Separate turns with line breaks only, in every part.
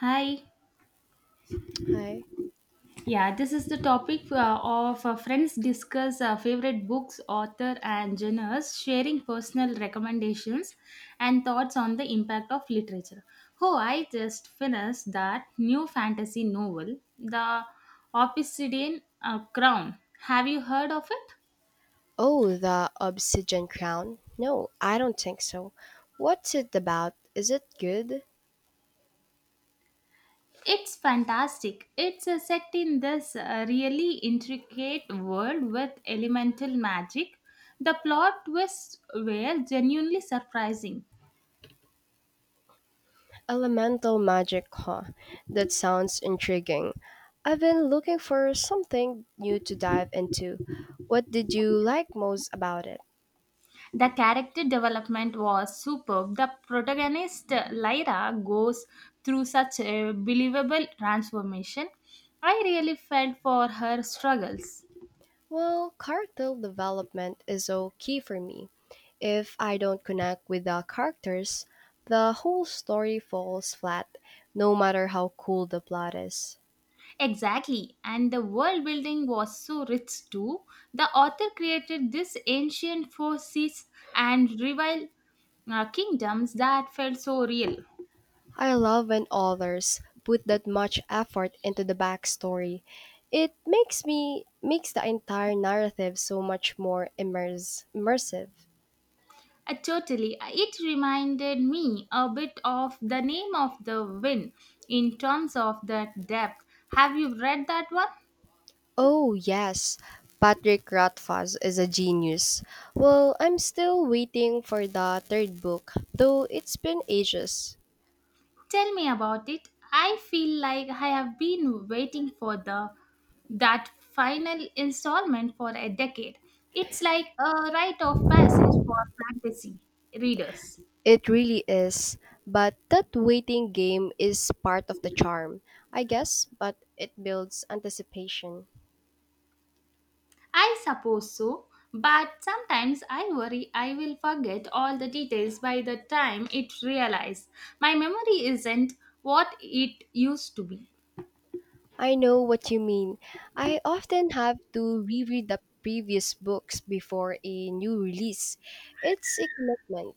Hi.
Hi.
Yeah, this is the topic of friends discuss favorite books, author, and genres, sharing personal recommendations and thoughts on the impact of literature. Oh, I just finished that new fantasy novel, the Obsidian Crown. Have you heard of it?
Oh, the Obsidian Crown? No, I don't think so. What's it about? Is it good?
It's fantastic. It's set in this really intricate world with elemental magic. The plot twists were genuinely surprising.
Elemental magic, huh? That sounds intriguing. I've been looking for something new to dive into. What did you like most about it?
The character development was superb. The protagonist, Lyra, goes through such a believable transformation. I really felt for her struggles.
Well, character development is so key for me. If I don't connect with the characters, the whole story falls flat, no matter how cool the plot is.
Exactly, and the world building was so rich too. The author created this ancient forces and rival kingdoms that felt so real.
I love when authors put that much effort into the backstory. It makes me makes the entire narrative so much more immersive.
Totally. It reminded me a bit of The Name of the Wind in terms of that depth. Have you read that one?
Oh yes, Patrick Rothfuss is a genius. Well, I'm still waiting for the third book, though it's been ages.
Tell me about it. I feel like I have been waiting for the that final installment for a decade. It's like a rite of passage for fantasy readers.
It really is, but that waiting game is part of the charm, I guess, but it builds anticipation.
I suppose so, but sometimes I worry I will forget all the details by the time it realizes. My memory isn't what it used to be.
I know what you mean. I often have to reread the previous books before a new release. It's a commitment.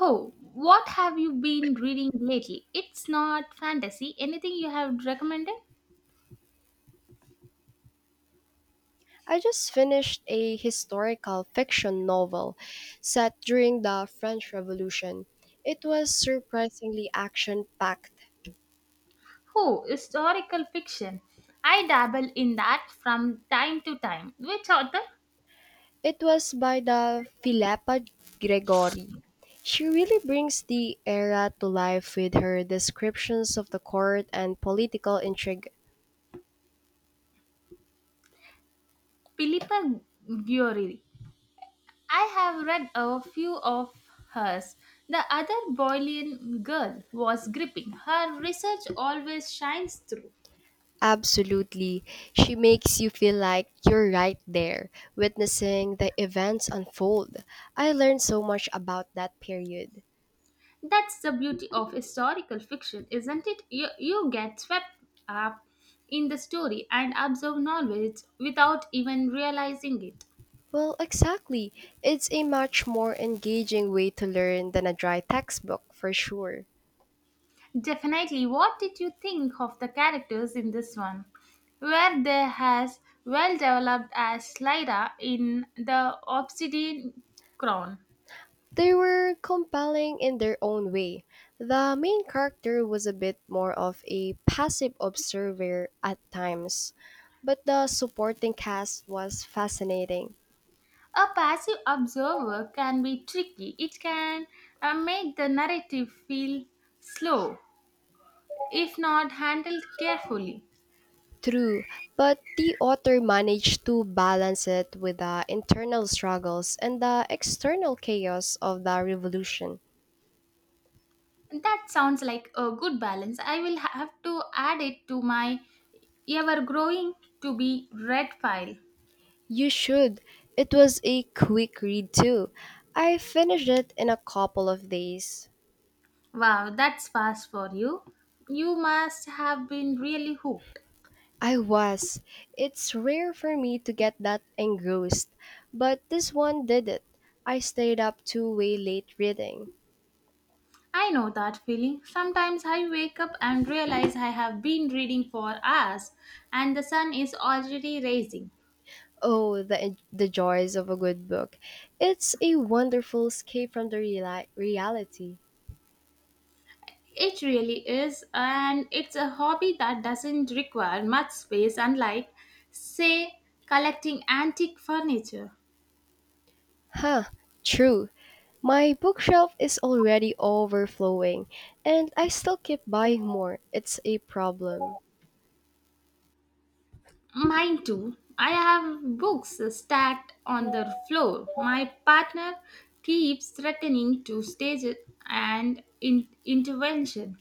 Oh, what have you been reading lately? It's not fantasy. Anything you have recommended?
I just finished a historical fiction novel set during the French Revolution. It was surprisingly action packed.
Oh, historical fiction. I dabble in that from time to time. Which author?
It was by the Philippa Gregori. She really brings the era to life with her descriptions of the court and political intrigue.
Philippa Giori. I have read a few of hers. The other Boylian girl was gripping. Her research always shines through.
Absolutely. She makes you feel like you're right there, witnessing the events unfold. I learned so much about that period.
That's the beauty of historical fiction, isn't it? You get swept up in the story and absorb knowledge without even realizing it.
Well, exactly. It's a much more engaging way to learn than a dry textbook, for sure.
Definitely, what did you think of the characters in this one? Were they as well developed as Lyra in the Obsidian Crown?
They were compelling in their own way. The main character was a bit more of a passive observer at times, but the supporting cast was fascinating.
A passive observer can be tricky. It can make the narrative feel slow if not handled carefully.
True, but the author managed to balance it with the internal struggles and the external chaos of the revolution.
That sounds like a good balance. I will have to add it to my ever growing to be read file.
You should. It was a quick read, too. I finished it in a couple of days.
Wow, that's fast for you. You must have been really hooked.
I was. It's rare for me to get that engrossed, but this one did it. I stayed up too way late reading.
I know that feeling. Sometimes I wake up and realize I have been reading for hours and the sun is already rising.
Oh, the joys of a good book. It's a wonderful escape from the reality.
It really is, and it's a hobby that doesn't require much space, unlike, say, collecting antique furniture.
Huh, true. My bookshelf is already overflowing, and I still keep buying more. It's a problem.
Mine too. I have books stacked on the floor. My partner keeps threatening to stage it and intervention.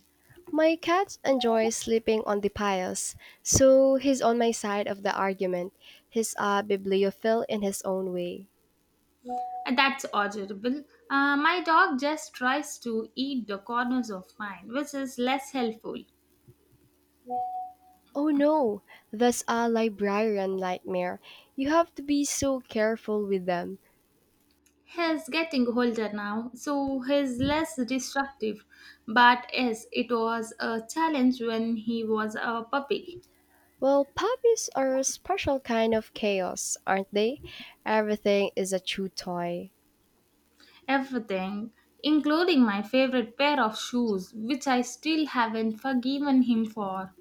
My cat enjoys sleeping on the piles, so he's on my side of the argument. He's a bibliophile in his own way.
That's horrible. My dog just tries to eat the corners of mine, which is less helpful.
Oh no, that's a librarian nightmare. You have to be so careful with them.
He's getting older now, so he's less disruptive. But yes, it was a challenge when he was a puppy.
Well, puppies are a special kind of chaos, aren't they? Everything is a chew toy.
Everything, including my favorite pair of shoes, which I still haven't forgiven him for.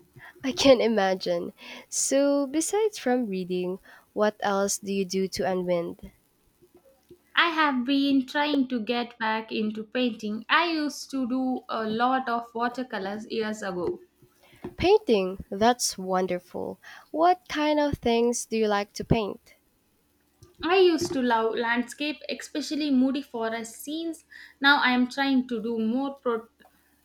I can imagine. So, besides from reading, what else do you do to unwind?
I have been trying to get back into painting. I used to do a lot of watercolors years ago.
Painting. That's wonderful. What kind of things do you like to paint?
I used to love landscape, especially moody forest scenes. Now I am trying to do more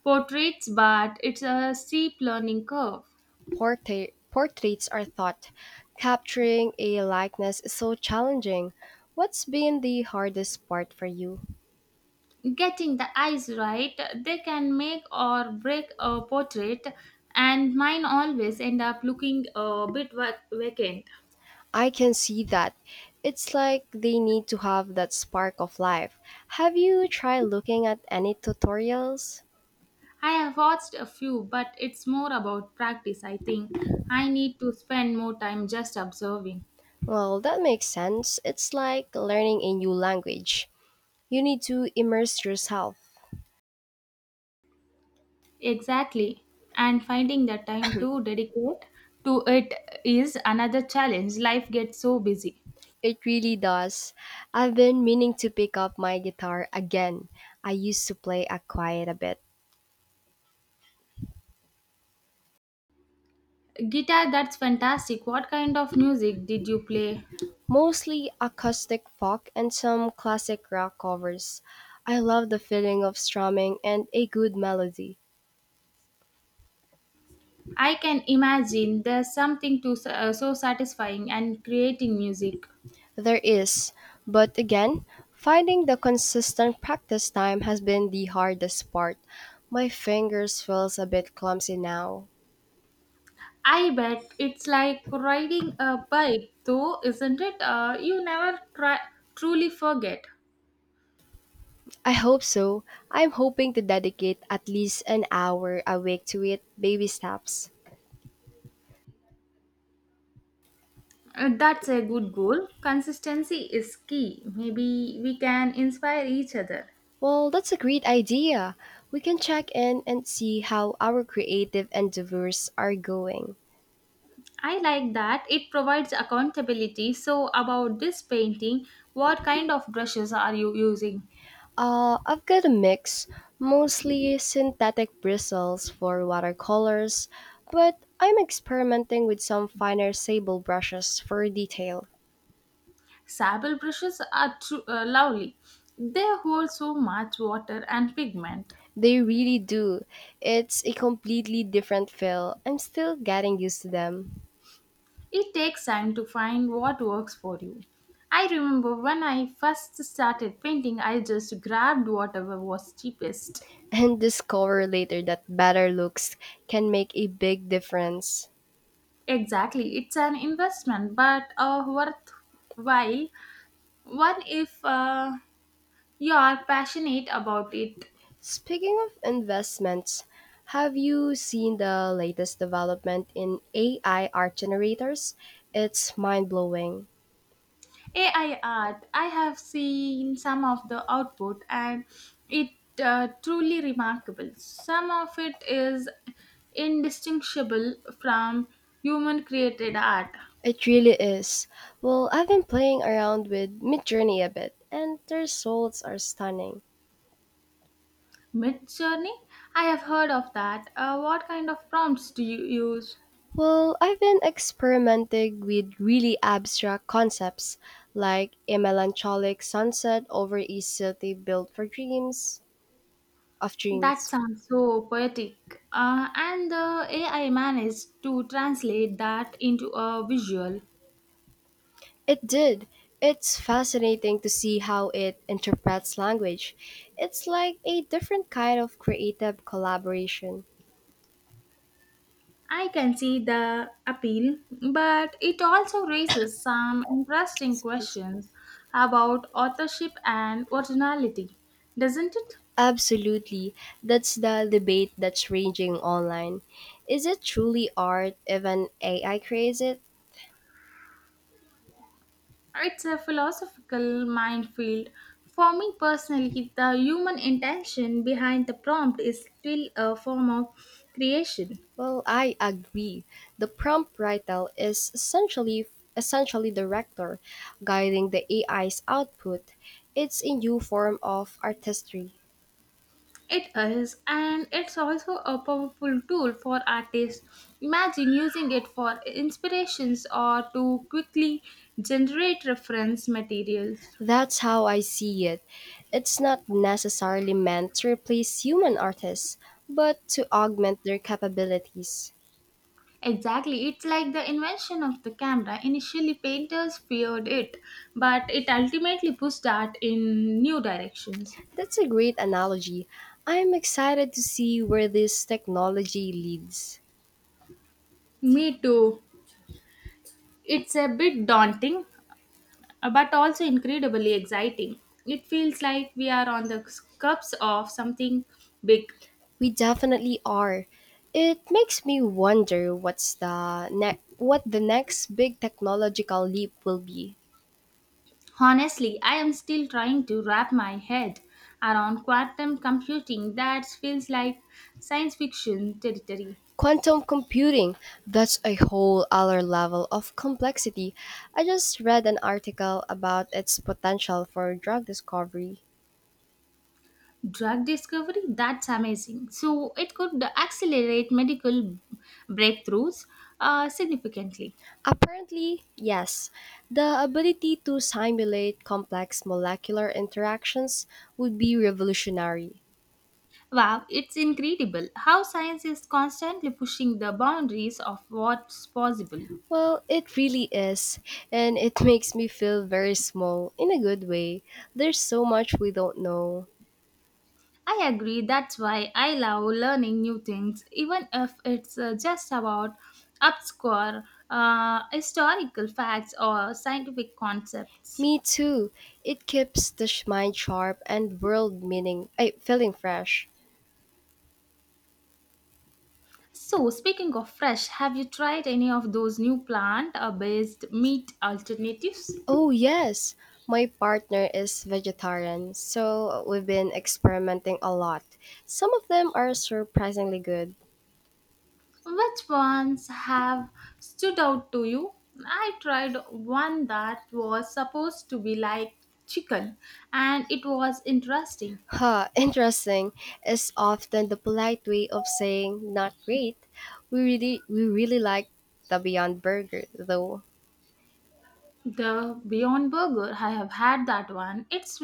portraits, but it's a steep learning curve.
Portrait portraits are thought. Capturing a likeness is so challenging. What's been the hardest part for you?
Getting the eyes right, they can make or break a portrait, and mine always end up looking a bit vacant.
I can see that. It's like they need to have that spark of life. Have you tried looking at any tutorials?
I have watched a few, but it's more about practice, I think. I need to spend more time just observing.
Well, that makes sense. It's like learning a new language. You need to immerse yourself.
Exactly. And finding the time to dedicate to it is another challenge. Life gets so busy.
It really does. I've been meaning to pick up my guitar again. I used to play a quite a bit,
Guitar, that's fantastic. What kind of music did you play?
mostly acoustic folk and some classic rock covers. I love the feeling of strumming and a good melody.
I can imagine there's something to so satisfying and creating music.
There is, but again, finding the consistent practice time has been the hardest part. My fingers feels a bit clumsy now.
I bet it's like riding a bike, though, isn't it? You never try, truly forget.
I hope so. I'm hoping to dedicate at least an hour a week to it, baby steps.
That's a good goal. Consistency is key. Maybe we can inspire each other.
Well, that's a great idea. We can check in and see how our creative endeavors are going.
I like that. It provides accountability. So, about this painting, what kind of brushes are you using?
I've got a mix, mostly synthetic bristles for watercolors, but I'm experimenting with some finer sable brushes for detail.
Sable brushes are lovely. They hold so much water and pigment.
They really do. It's a completely different feel. I'm still getting used to them.
It takes time to find what works for you. I remember when I first started painting, I just grabbed whatever was cheapest.
And discover later that better looks can make a big difference.
Exactly, it's an investment, but worthwhile one if you are passionate about it.
Speaking of investments, have you seen the latest development in AI art generators? It's mind blowing.
AI art, I have seen some of the output and it truly remarkable. Some of it is indistinguishable from human created art.
It really is. Well, I've been playing around with Midjourney a bit, and the results are stunning.
Mid journey, I have heard of that. What kind of prompts do you use?
Well, I've been experimenting with really abstract concepts like a melancholic sunset over a city built for
That
dreams.
sounds so poetic. And the AI managed to translate that into a visual.
It did. It's fascinating to see how it interprets language. It's like a different kind of creative collaboration.
I can see the appeal, but it also raises some interesting
Excuse me.
questions about authorship and originality, doesn't it?
Absolutely. That's the debate that's raging online. Is it truly art if an AI creates it?
It's a philosophical minefield. For me personally, the human intention behind the prompt is still a form of creation.
Well, I agree. The prompt writer is essentially the director guiding the AI's output. It's a new form of artistry.
It is, and it's also a powerful tool for artists. Imagine using it for inspirations or to quickly generate reference materials.
That's how I see it. It's not necessarily meant to replace human artists, but to augment their capabilities.
Exactly, it's like the invention of the camera. Initially, painters feared it, but it ultimately pushed art in new directions.
That's a great analogy. I'm excited to see where this technology leads.
Me too. It's a bit daunting, but also incredibly exciting. It feels like we are on the cusp of something big.
We definitely are. It makes me wonder what the next big technological leap will be.
Honestly, I am still trying to wrap my head around quantum computing that feels like science fiction territory.
Quantum computing, that's a whole other level of complexity. I just read an article about its potential for drug discovery.
Drug discovery, that's amazing. So, it could accelerate medical breakthroughs significantly.
Apparently, yes, the ability to simulate complex molecular interactions would be revolutionary.
Wow, it's incredible how science is constantly pushing the boundaries of what's possible.
Well, it really is, and it makes me feel very small in a good way. There's so much we don't know.
I agree, that's why I love learning new things, even if it's just about obscure historical facts or scientific concepts.
Me too. It keeps the mind sharp and world meaning, I feeling fresh.
So, speaking of fresh, have you tried any of those new plant based meat alternatives?
Oh, yes. My partner is vegetarian, so we've been experimenting a lot. Some of them are surprisingly good.
Which ones have stood out to you? I tried one that was supposed to be like chicken and it was interesting.
Huh, interesting is often the polite way of saying not great. We really like the Beyond Burger though.
The Beyond Burger, I have had that one. It's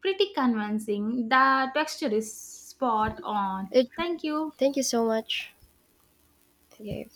pretty convincing. The texture is spot on.
It
Thank you.
thank you so much. Okay.